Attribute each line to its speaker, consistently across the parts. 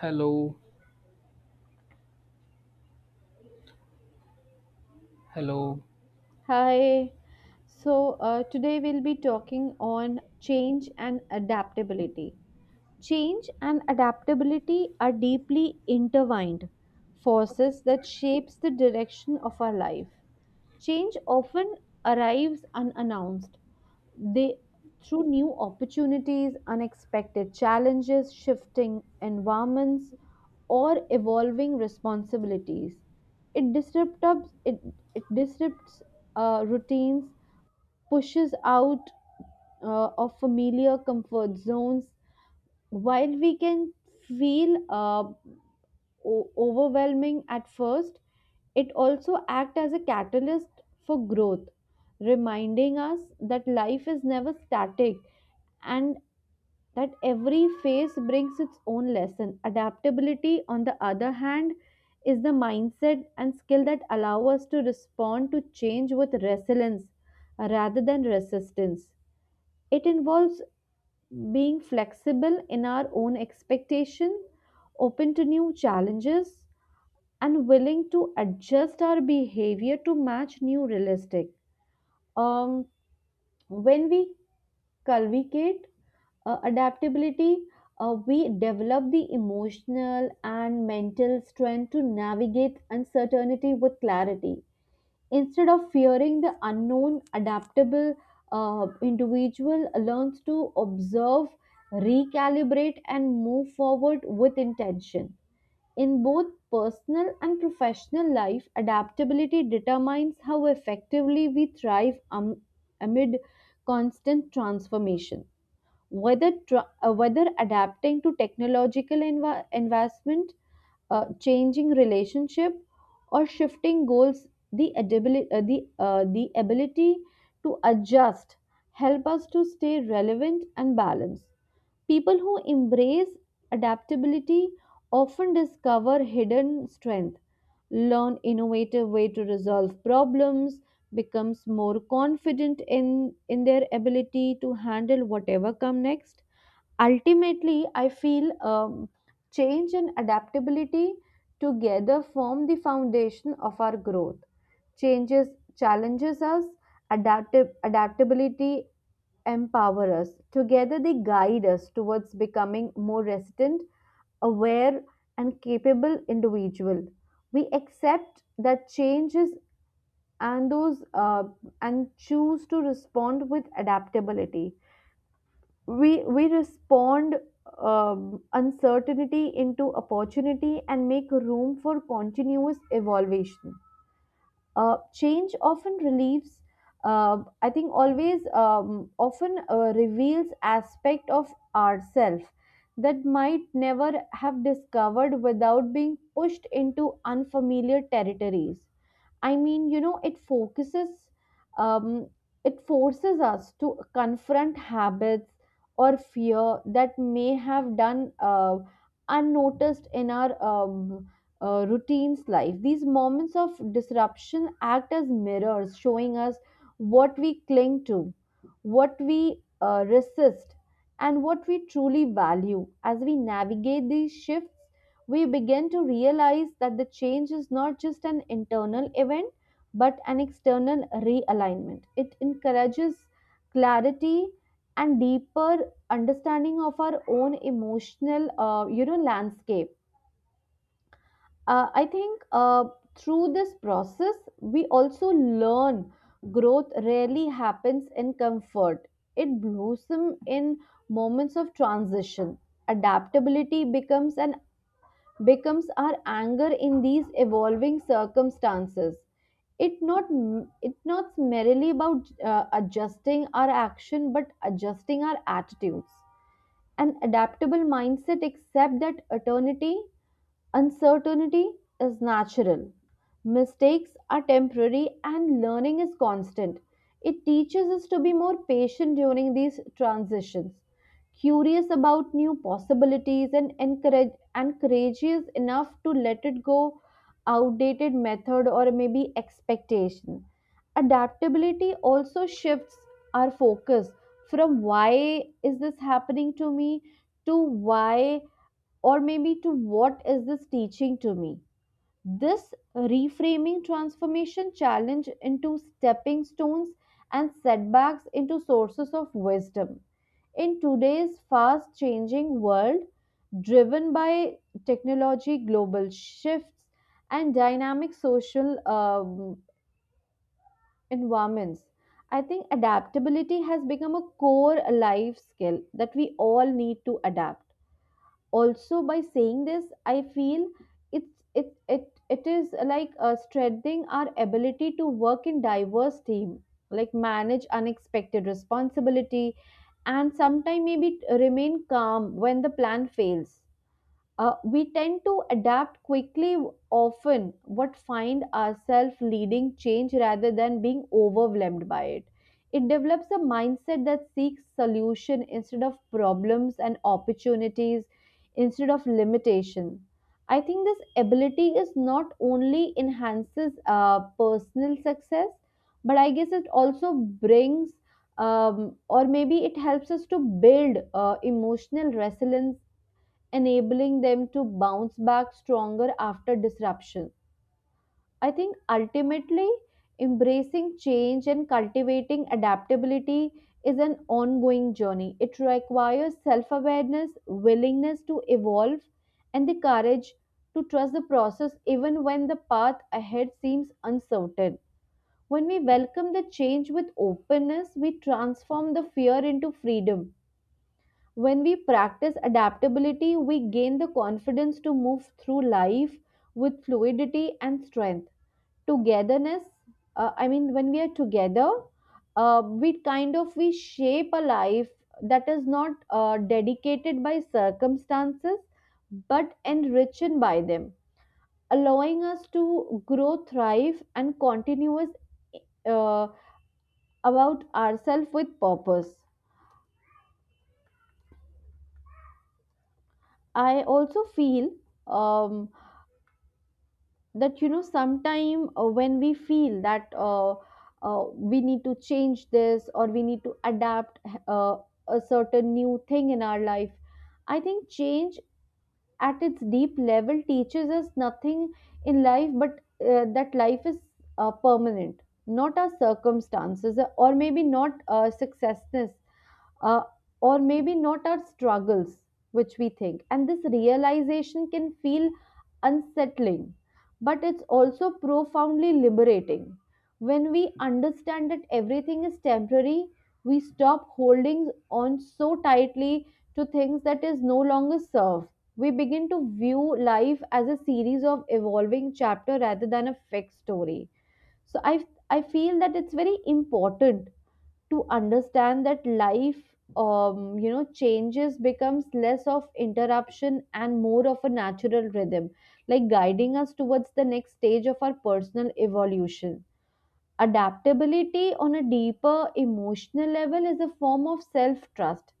Speaker 1: Hello, hello.
Speaker 2: Hi. So, Today we'll be talking on change and adaptability. Change and adaptability are deeply intertwined forces that shapes the direction of our life. Change often arrives unannounced, they through new opportunities, unexpected challenges, shifting environments, or evolving responsibilities. It disrupts it, it disrupts routines, pushes out of familiar comfort zones. While we can feel overwhelming at first, it also acts as a catalyst for growth, reminding us that life is never static and that every phase brings its own lesson. Adaptability, on the other hand, is the mindset and skill that allow us to respond to change with resilience rather than resistance. It involves being flexible in our own expectation, open to new challenges, and willing to adjust our behavior to match new realistic. Um, when we cultivate adaptability, we develop the emotional and mental strength to navigate uncertainty with clarity. Instead of fearing the unknown, adaptable individual learns to observe, recalibrate, and move forward with intention. In both personal and professional life, adaptability determines how effectively we thrive amid constant transformation. Whether adapting to technological investment, changing relationship, or shifting goals, the ability to adjust help us to stay relevant and balanced. People who embrace adaptability often discover hidden strength, learn innovative way to resolve problems, becomes more confident in their ability to handle whatever come next. Ultimately, I feel change and adaptability together form the foundation of our growth. Changes challenges us, adaptive adaptability empower us. Together, they guide us towards becoming more resilient, aware, and capable individual. We accept that changes and those uh, and choose to respond with adaptability. We respond uncertainty into opportunity and make room for continuous evolution. Change often relieves, I think, always often reveals aspect of ourself that might never have discovered without being pushed into unfamiliar territories. It focuses, um, it forces us to confront habits or fear that may have done unnoticed in our routine's life. These moments of disruption act as mirrors, showing us what we cling to, what we resist, and what we truly value. As we navigate these shifts, we begin to realize that the change is not just an internal event but an external realignment. It encourages clarity and deeper understanding of our own emotional landscape. I think Through this process, we also learn growth rarely happens in comfort. It blossoms in moments of transition. Adaptability becomes our anger in these evolving circumstances. It not it not merely about adjusting our action, but adjusting our attitudes. An adaptable mindset accept that eternity uncertainty is natural. Mistakes are temporary and learning is constant. It teaches us to be more patient during these transitions, curious about new possibilities, and encourage and courageous enough to let it go outdated method or maybe expectation. Adaptability also shifts our focus from "Why is this happening to me?" to "Why, or maybe to what is this teaching to me?" This reframing transformation challenge into stepping stones and setbacks into sources of wisdom. In today's fast changing world, driven by technology, global shifts, and dynamic social environments, I think adaptability has become a core life skill that we all need to adapt. Also by saying this, I feel it, it is like strengthening our ability to work in diverse team, like manage unexpected responsibility, and sometimes maybe remain calm when the plan fails. We tend to adapt quickly, often, but find ourselves leading change rather than being overwhelmed by it. It develops a mindset that seeks solution instead of problems, and opportunities instead of limitation. I think this ability is not only enhances personal success, but I guess it also brings or maybe it helps us to build emotional resilience, enabling them to bounce back stronger after disruption. I think ultimately, embracing change and cultivating adaptability is an ongoing journey. It requires self awareness, willingness to evolve, and the courage to trust the process even when the path ahead seems uncertain. When we welcome the change with openness, we transform the fear into freedom. When we practice adaptability, we gain the confidence to move through life with fluidity and strength. Togetherness, I mean, when we are together, we kind of we shape a life that is not dedicated by circumstances but enriched by them, allowing us to grow, thrive, and continuous uh, about ourselves with purpose. I also feel um, that, you know, sometime when we feel that uh, we need to change this or we need to adapt uh, a certain new thing in our life. I think change at its deep level teaches us nothing in life but that life is permanent, not our circumstances, or maybe not successness, uh, or maybe not our struggles, which we think. And this realization can feel unsettling, but it's also profoundly liberating. When we understand that everything is temporary, we stop holding on so tightly to things that is no longer serve. We begin to view life as a series of evolving chapter rather than a fixed story. So I feel that it's very important to understand that life, you know, changes becomes less of interruption and more of a natural rhythm, like guiding us towards the next stage of our personal evolution. Adaptability on a deeper emotional level is a form of self trust.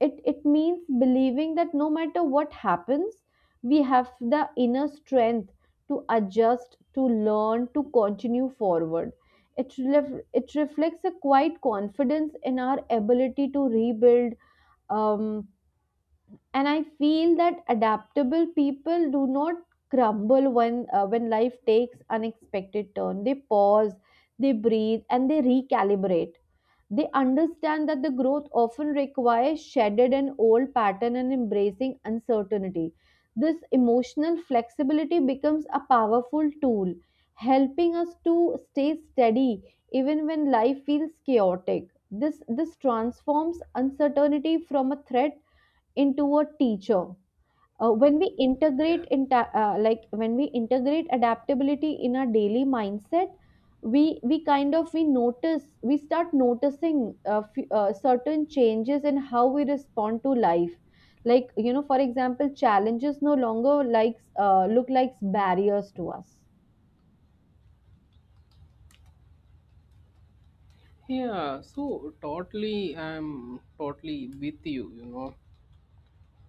Speaker 2: It means believing that no matter what happens, we have the inner strength to adjust, to learn, to continue forward. It reflects a quiet confidence in our ability to rebuild. um, and I feel that adaptable people do not crumble when life takes unexpected turn. They pause, they breathe, and they recalibrate. They understand that the growth often requires shedded an old pattern and embracing uncertainty. This emotional flexibility becomes a powerful tool, helping us to stay steady even when life feels chaotic. This transforms uncertainty from a threat into a teacher. Uh, when we
Speaker 1: Yeah.
Speaker 2: integrate in ta- like when we integrate adaptability in our daily mindset, we kind of we notice we start noticing certain changes in how we respond to life, like, you know, for example, challenges no longer likes look like barriers to us.
Speaker 1: Yeah, so totally I'm totally with you, you know.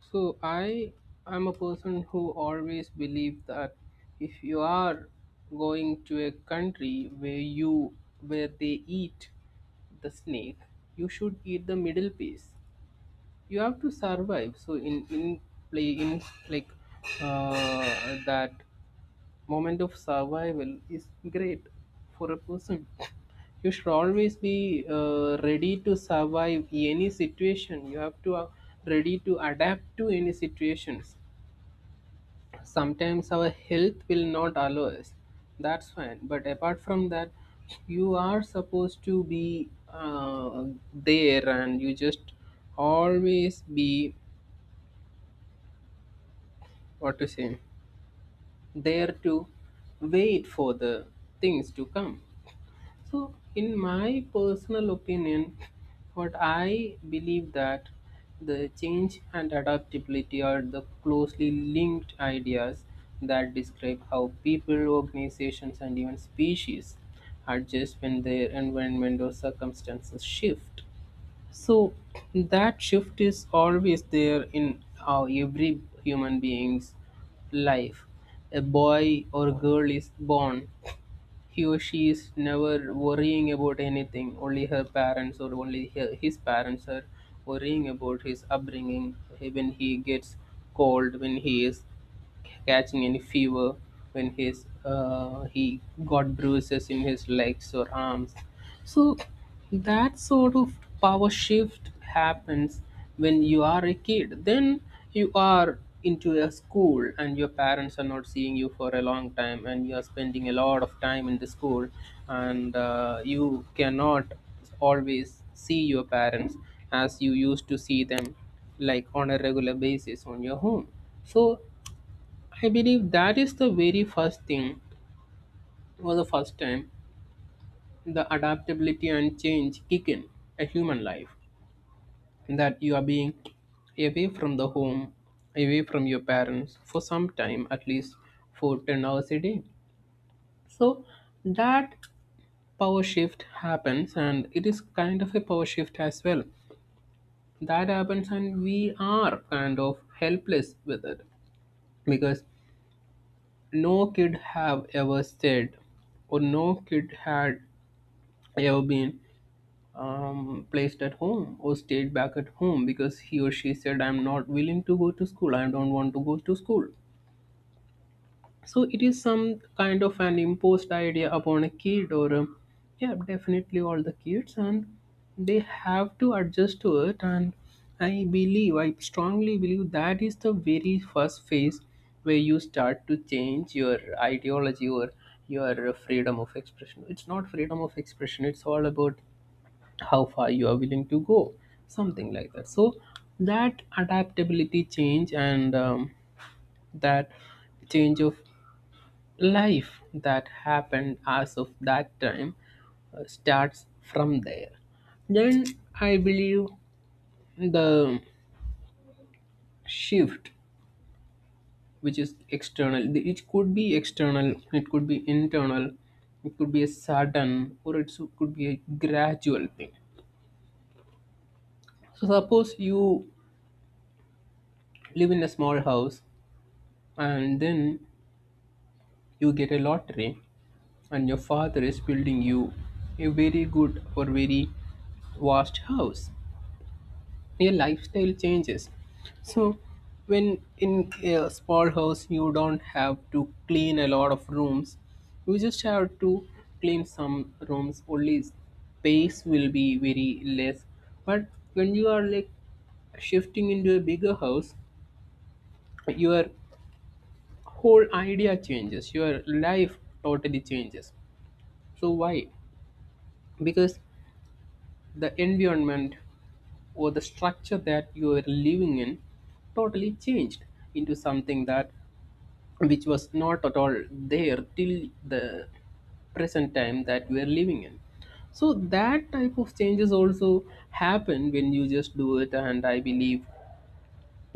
Speaker 1: So I'm a person who always believe that if you are going to a country where they eat the snake, you should eat the middle piece. You have to survive. So in play in like that moment of survival is great for a person. You should always be ready to survive any situation. You have to ready to adapt to any situations. Sometimes our health will not allow us. That's fine, but apart from that you are supposed to be there, and you just always be, what to say, there to wait for the things to come. So, in my personal opinion, what I believe that the change and adaptability are the closely linked ideas that describe how people, organizations, and even species adjust when their environment or circumstances shift. So, that shift is always there in every human being's life. A boy or girl is born. He or she is never worrying about anything. Only her parents, or only his parents are worrying about his upbringing. When he gets cold, when he is catching any fever, when his he got bruises in his legs or arms, so that sort of power shift happens. When you are a kid, then you are into a school, and your parents are not seeing you for a long time, and you are spending a lot of time in the school, and you cannot always see your parents as you used to see them, like on a regular basis on your home. So I believe that is the very first thing, or the first time, the adaptability and change kick in a human life. That you are being away from the home, away from your parents for some time, at least for 10 hours a day. So that power shift happens, and it is kind of a power shift as well. That happens, and we are kind of helpless with it, because no kid have ever said, or no kid had I have been placed at home, or stayed back at home because he or she said, I'm not willing to go to school, I don't want to go to school. So it is some kind of an imposed idea upon a kid, or yeah, definitely all the kids, and they have to adjust to it. And I strongly believe that is the very first phase where you start to change your ideology or your freedom of expression. It's not freedom of expression, it's all about how far you are willing to go, something like that. So that adaptability change, and that change of life that happened as of that time starts from there. Then I believe the shift, which is external, it could be external, it could be internal, it could be a sudden, or could be a gradual thing. So, suppose you live in a small house and then you get a lottery and your father is building you a very good or very vast house. Your lifestyle changes. So when in a small house you don't have to clean a lot of rooms, you just have to clean some rooms, only space will be very less. But when you are like shifting into a bigger house, your whole idea changes, your life totally changes. So why? Because the environment or the structure that you are living in totally changed into something that which was not at all there till the present time that we are living in. So that type of changes also happen when you just do it. And I believe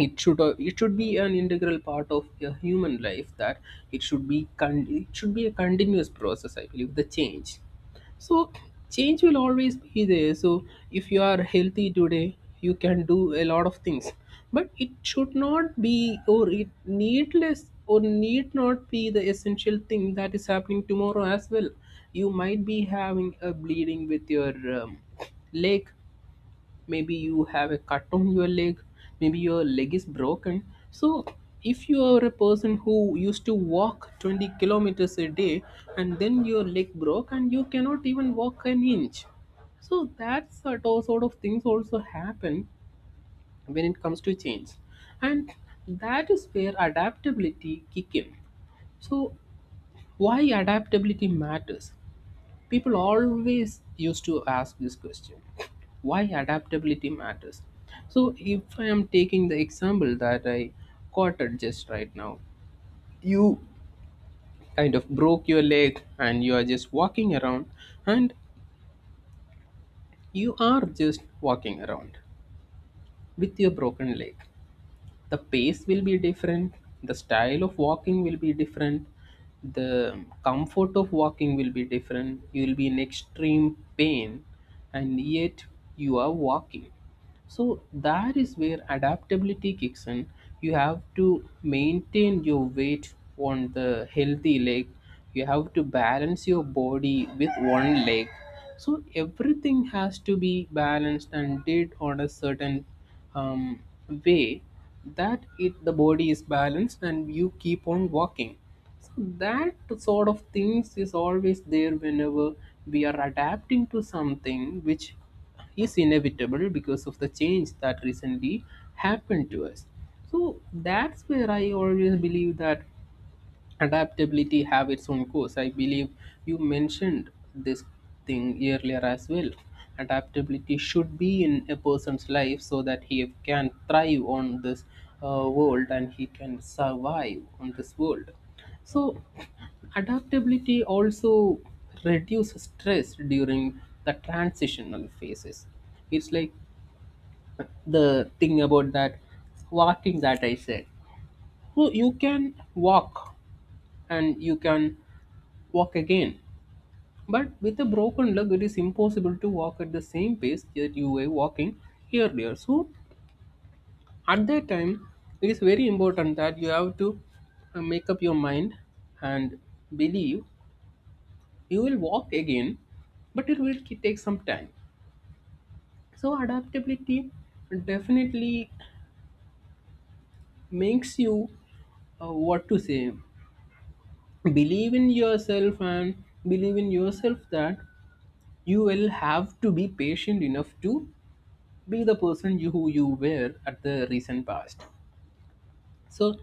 Speaker 1: it should be an integral part of a human life. That it should be a continuous process, I believe, the change. So change will always be there. So if you are healthy today, you can do a lot of things, but it should not be, or it needless, or need not be the essential thing that is happening tomorrow as well. You might be having a bleeding with your um, leg. Maybe you have a cut on your leg, maybe your leg is broken. So if you are a person who used to walk 20 kilometers a day and then your leg broke and you cannot even walk an inch, so that sort of things also happen when it comes to change. And that is where adaptability kick in. So, why adaptability matters? People always used to ask this question, why adaptability matters. So, if I am taking the example that I quoted just right now, you kind of broke your leg and you are just walking around, and you are just walking around with your broken leg. The pace will be different, the style of walking will be different, the comfort of walking will be different, you will be in extreme pain, and yet you are walking. So that is where adaptability kicks in. You have to maintain your weight on the healthy leg. You have to balance your body with one leg. So everything has to be balanced and did on a certain um, way, that it the body is balanced and you keep on walking. So that sort of things is always there whenever we are adapting to something which is inevitable because of the change that recently happened to us. So that's where I always believe that adaptability have its own course. I believe you mentioned this thing earlier as well. Adaptability should be in a person's life so that he can thrive on this world, and he can survive on this world. So, adaptability also reduces stress during the transitional phases. It's like the thing about that walking that I said. So you can walk, and you can walk again. But with a broken leg, it is impossible to walk at the same pace that you were walking earlier. So at that time, it is very important that you have to make up your mind and believe you will walk again, but it will take some time. So adaptability definitely makes you, what to say, believe in yourself, and believe in yourself that you will have to be patient enough to be the person you who you were at the recent past. So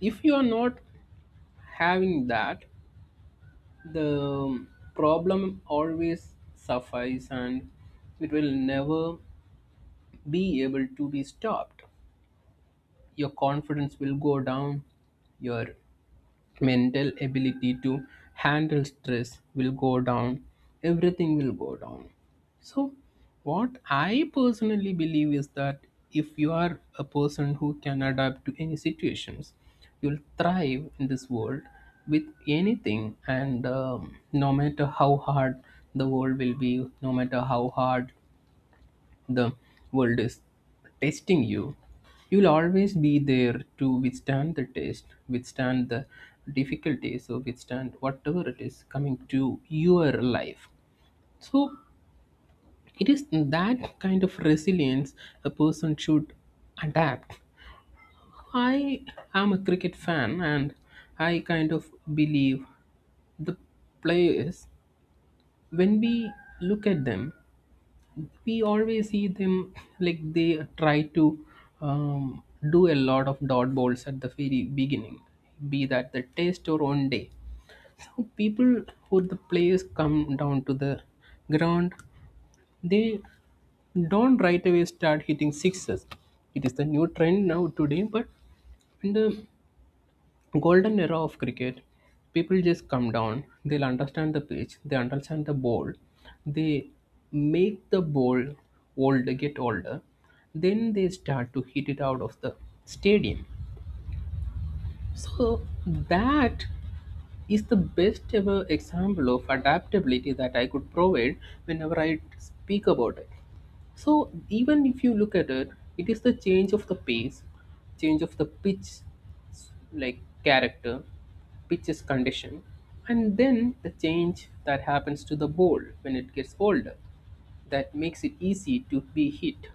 Speaker 1: if you are not having that, the problem always suffice, and it will never be able to be stopped. Your confidence will go down, your mental ability to handle stress will go down, everything will go down. So what I personally believe is that if you are a person who can adapt to any situations, you'll thrive in this world with anything. And no matter how hard the world will be, no matter how hard the world is testing you, you'll always be there to withstand the test, withstand the difficulties, or withstand whatever it is coming to your life. So it is that kind of resilience a person should adapt. I am a cricket fan, and I kind of believe the players, when we look at them, we always see them, like they try to um, do a lot of dot balls at the very beginning, be that the test or one day. So, people, or the players, come down to the ground, they don't right away start hitting sixes. It is the new trend now today, but in the golden era of cricket, people just come down, they'll understand the pitch, they understand the ball, they make the ball older, get older, then they start to hit it out of the stadium. So that is the best ever example of adaptability that I could provide whenever I speak about it. So even if you look at it, it is the change of the pace, change of the pitch, like character, pitch's condition, and then the change that happens to the ball when it gets older that makes it easy to be hit.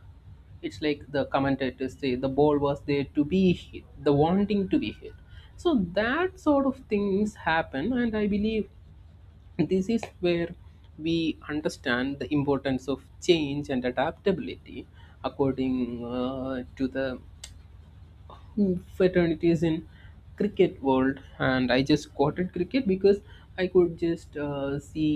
Speaker 1: It's like the commentators say, the ball was there to be hit, the wanting to be hit. So that sort of things happen, and I believe this is where we understand the importance of change and adaptability according to the fraternities in cricket world. And I just quoted cricket because I could just see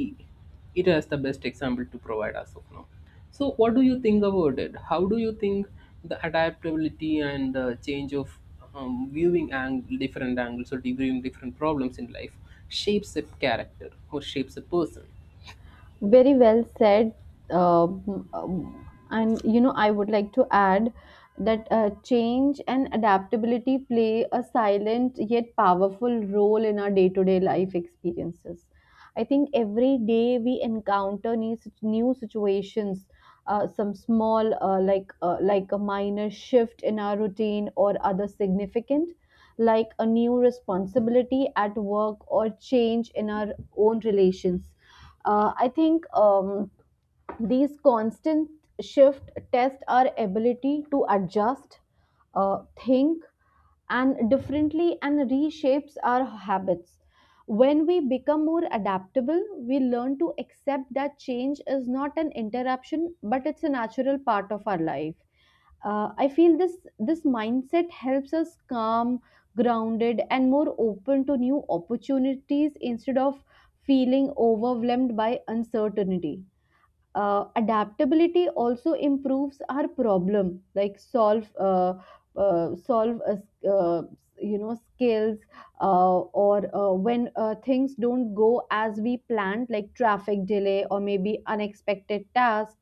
Speaker 1: it as the best example to provide as of now. So, what do you think about it? How do you think the adaptability and change of viewing different angles, or viewing different problems in life, shapes a character or shapes a person?
Speaker 2: Very well said. And you know, I would like to add that change and adaptability play a silent yet powerful role in our day to day life experiences. I think every day we encounter new situations. Some small, like a minor shift in our routine, or other significant, like a new responsibility at work or change in our own relations. I think these constant shift test our ability to adjust, think, and differently and reshapes our habits. When we become more adaptable, we learn to accept that change is not an interruption, but it's a natural part of our life. I feel this this mindset helps us calm, grounded, and more open to new opportunities instead of feeling overwhelmed by uncertainty. Adaptability also improves our problem like solve solve s- you know skills, or when things don't go as we planned, like traffic delay or maybe unexpected task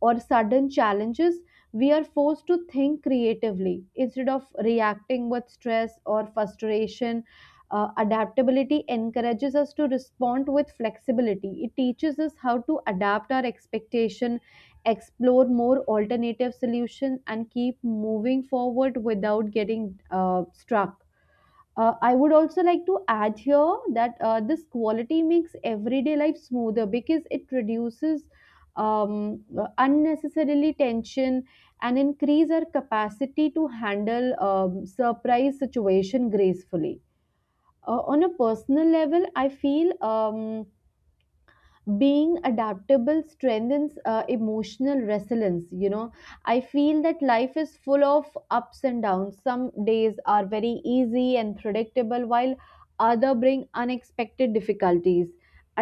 Speaker 2: or sudden challenges, we are forced to think creatively instead of reacting with stress or frustration. Adaptability encourages us to respond with flexibility. It teaches us how to adapt our expectation, explore more alternative solutions, and keep moving forward without getting struck. I would also like to add here that this quality makes everyday life smoother because it reduces um, unnecessarily tension and increase our capacity to handle surprise situation gracefully. On a personal level, I feel being adaptable strengthens emotional resilience, you know. I feel that life is full of ups and downs. Some days are very easy and predictable, while other bring unexpected difficulties.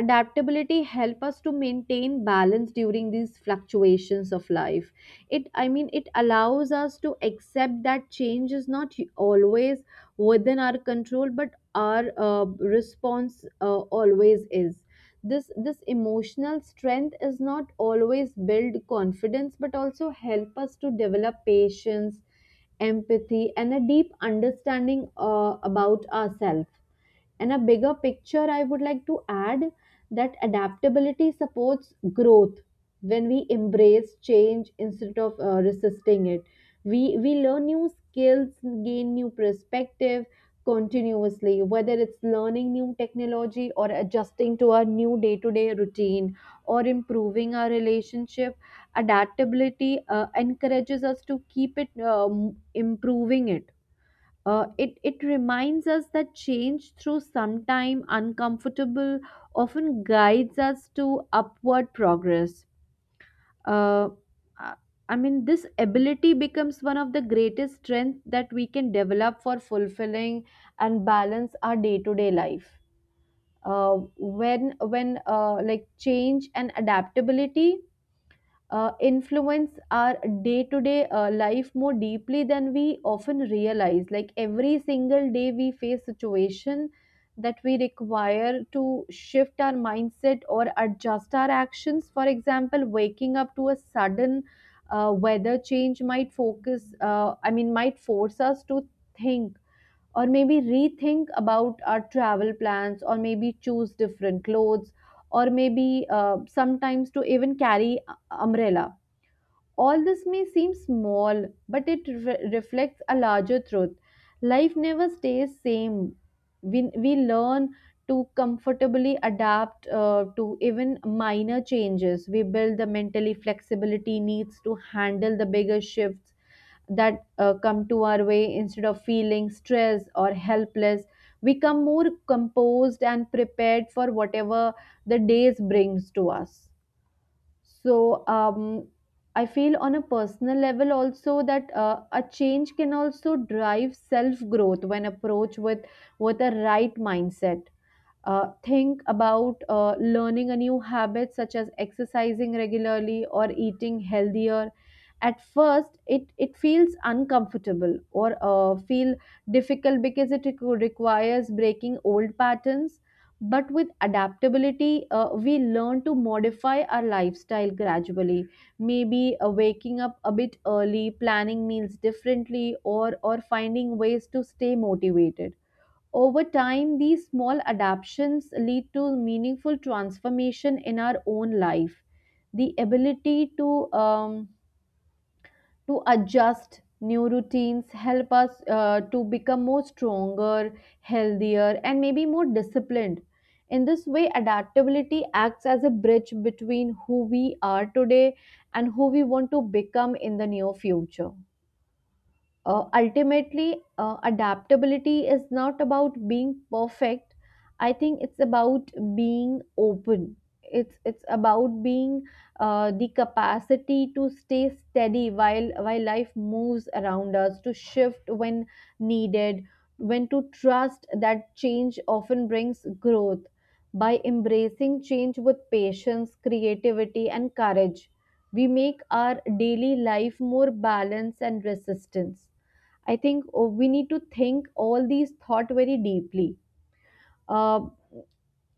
Speaker 2: Adaptability help us to maintain balance during these fluctuations of life. It i mean it allows us to accept that change is not always within our control, but our response always is. This emotional strength is not always build confidence but also help us to develop patience, empathy, and a deep understanding about ourselves. And a bigger picture, I would like to add that adaptability supports growth. When we embrace change instead of resisting it, we learn new skills, gain new perspective continuously, whether it's learning new technology, or adjusting to our new day to day routine, or improving our relationship. Adaptability encourages us to keep it improving it It reminds us that change through sometime uncomfortable often guides us to upward progress uh, i I mean this ability becomes one of the greatest strengths that we can develop for fulfilling and balance our day-to-day life uh, when like change and adaptability influence our day to day life more deeply than we often realize. Like every single day, we face situation that we require to shift our mindset or adjust our actions. For example, waking up to a sudden weather change might focus. I mean, might force us to think or maybe rethink about our travel plans or maybe choose different clothes or maybe sometimes to even carry umbrella all this may seem small, but it reflects a larger truth. Life never stays same. We learn to comfortably adapt to even minor changes. We build the mentally flexibility needs to handle the bigger shifts that come to our way instead of feeling stressed or helpless we become more composed and prepared for whatever the days brings to us so I feel on a personal level also that a change can also drive self growth when approached with a right mindset. Think about learning a new habit such as exercising regularly or eating healthier. At first it feels uncomfortable or feel difficult because it requires breaking old patterns, but with adaptability we learn to modify our lifestyle gradually, maybe waking up a bit early, planning meals differently, or finding ways to stay motivated. Over time, these small adaptations lead to meaningful transformation in our own life. The ability um, to adjust new routines help us to become more stronger, healthier, and maybe more disciplined. In this way, adaptability acts as a bridge between who we are today and who we want to become in the near future. Ultimately, adaptability is not about being perfect. I think it's about being open. It's about being the capacity to stay steady while life moves around us, to shift when needed, when to trust that change often brings growth. By embracing change with patience, creativity, and courage, we make our daily life more balanced and resistance. I think oh, we need to think all these thought very deeply. Uh,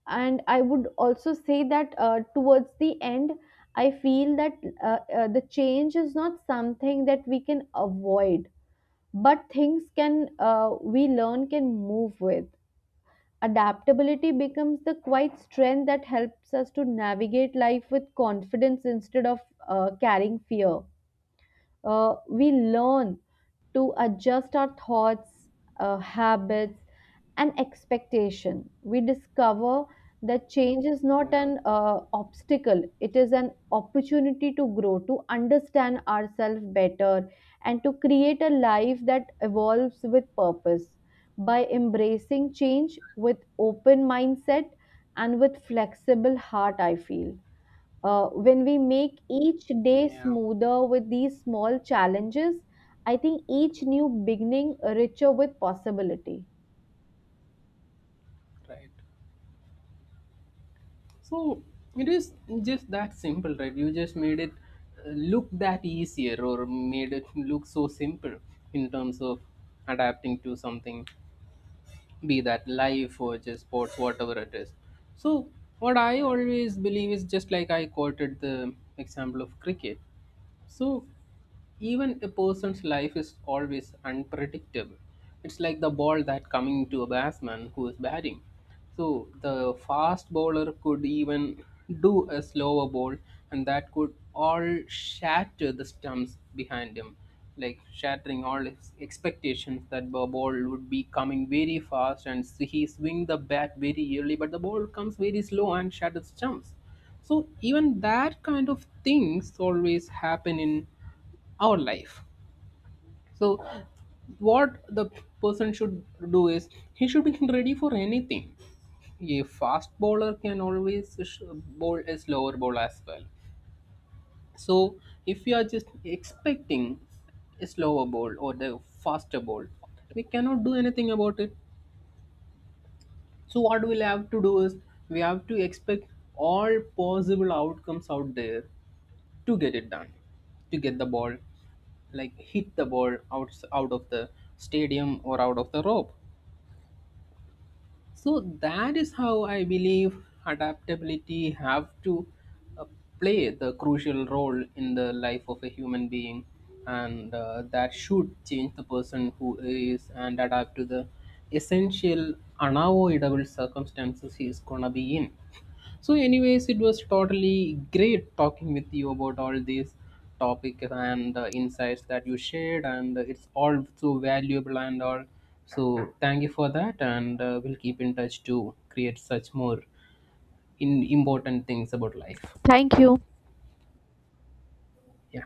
Speaker 2: and I would also say that towards the end, I feel that the change is not something that we can avoid, but things can we learn can move with. Adaptability becomes the quiet strength that helps us to navigate life with confidence instead of carrying fear. We learn to adjust our thoughts, habits, and expectation. We discover that change is not
Speaker 1: Yeah.
Speaker 2: an obstacle, it is an opportunity to grow, to understand ourselves better, and to create a life that evolves with purpose. By embracing change with open mindset and with flexible heart, I feel. When we make each day
Speaker 1: Yeah.
Speaker 2: smoother with these small challenges, I think each new beginning richer with possibility.
Speaker 1: Right. So it is just that simple, right? You just made it, look that easier, or made it look so simple in terms of adapting to something, be that life or just sports, whatever it is. So what I always believe is just like I quoted the example of cricket. So, even a person's life is always unpredictable. It's like the ball that coming to a batsman who is batting. So, the fast bowler could even do a slower ball, and that could all shatter the stumps behind him, like shattering all his expectations that the ball would be coming very fast and he swing the bat very early, but the ball comes very slow and shatters stumps. So even that kind of things always happen in our life. So what the person should do is he should be ready for anything. A fast bowler can always bowl a slower ball as well. So if you are just expecting a slower ball or the faster ball, we cannot do anything about it. So what we'll have to do is we have to expect all possible outcomes out there to get it done, to get the ball, like hit the ball out of the stadium or out of the rope. So that is how I believe adaptability have to uh, play the crucial role in the life of a human being, and that should change the person who is and adapt to the essential unavoidable circumstances he is gonna be in. So, anyways, it was totally great talking with you about all these topics and insights that you shared, and it's all so valuable and all. So, thank you for that, and we'll keep in touch to create such more in important things about life.
Speaker 2: Thank you.
Speaker 1: Yeah.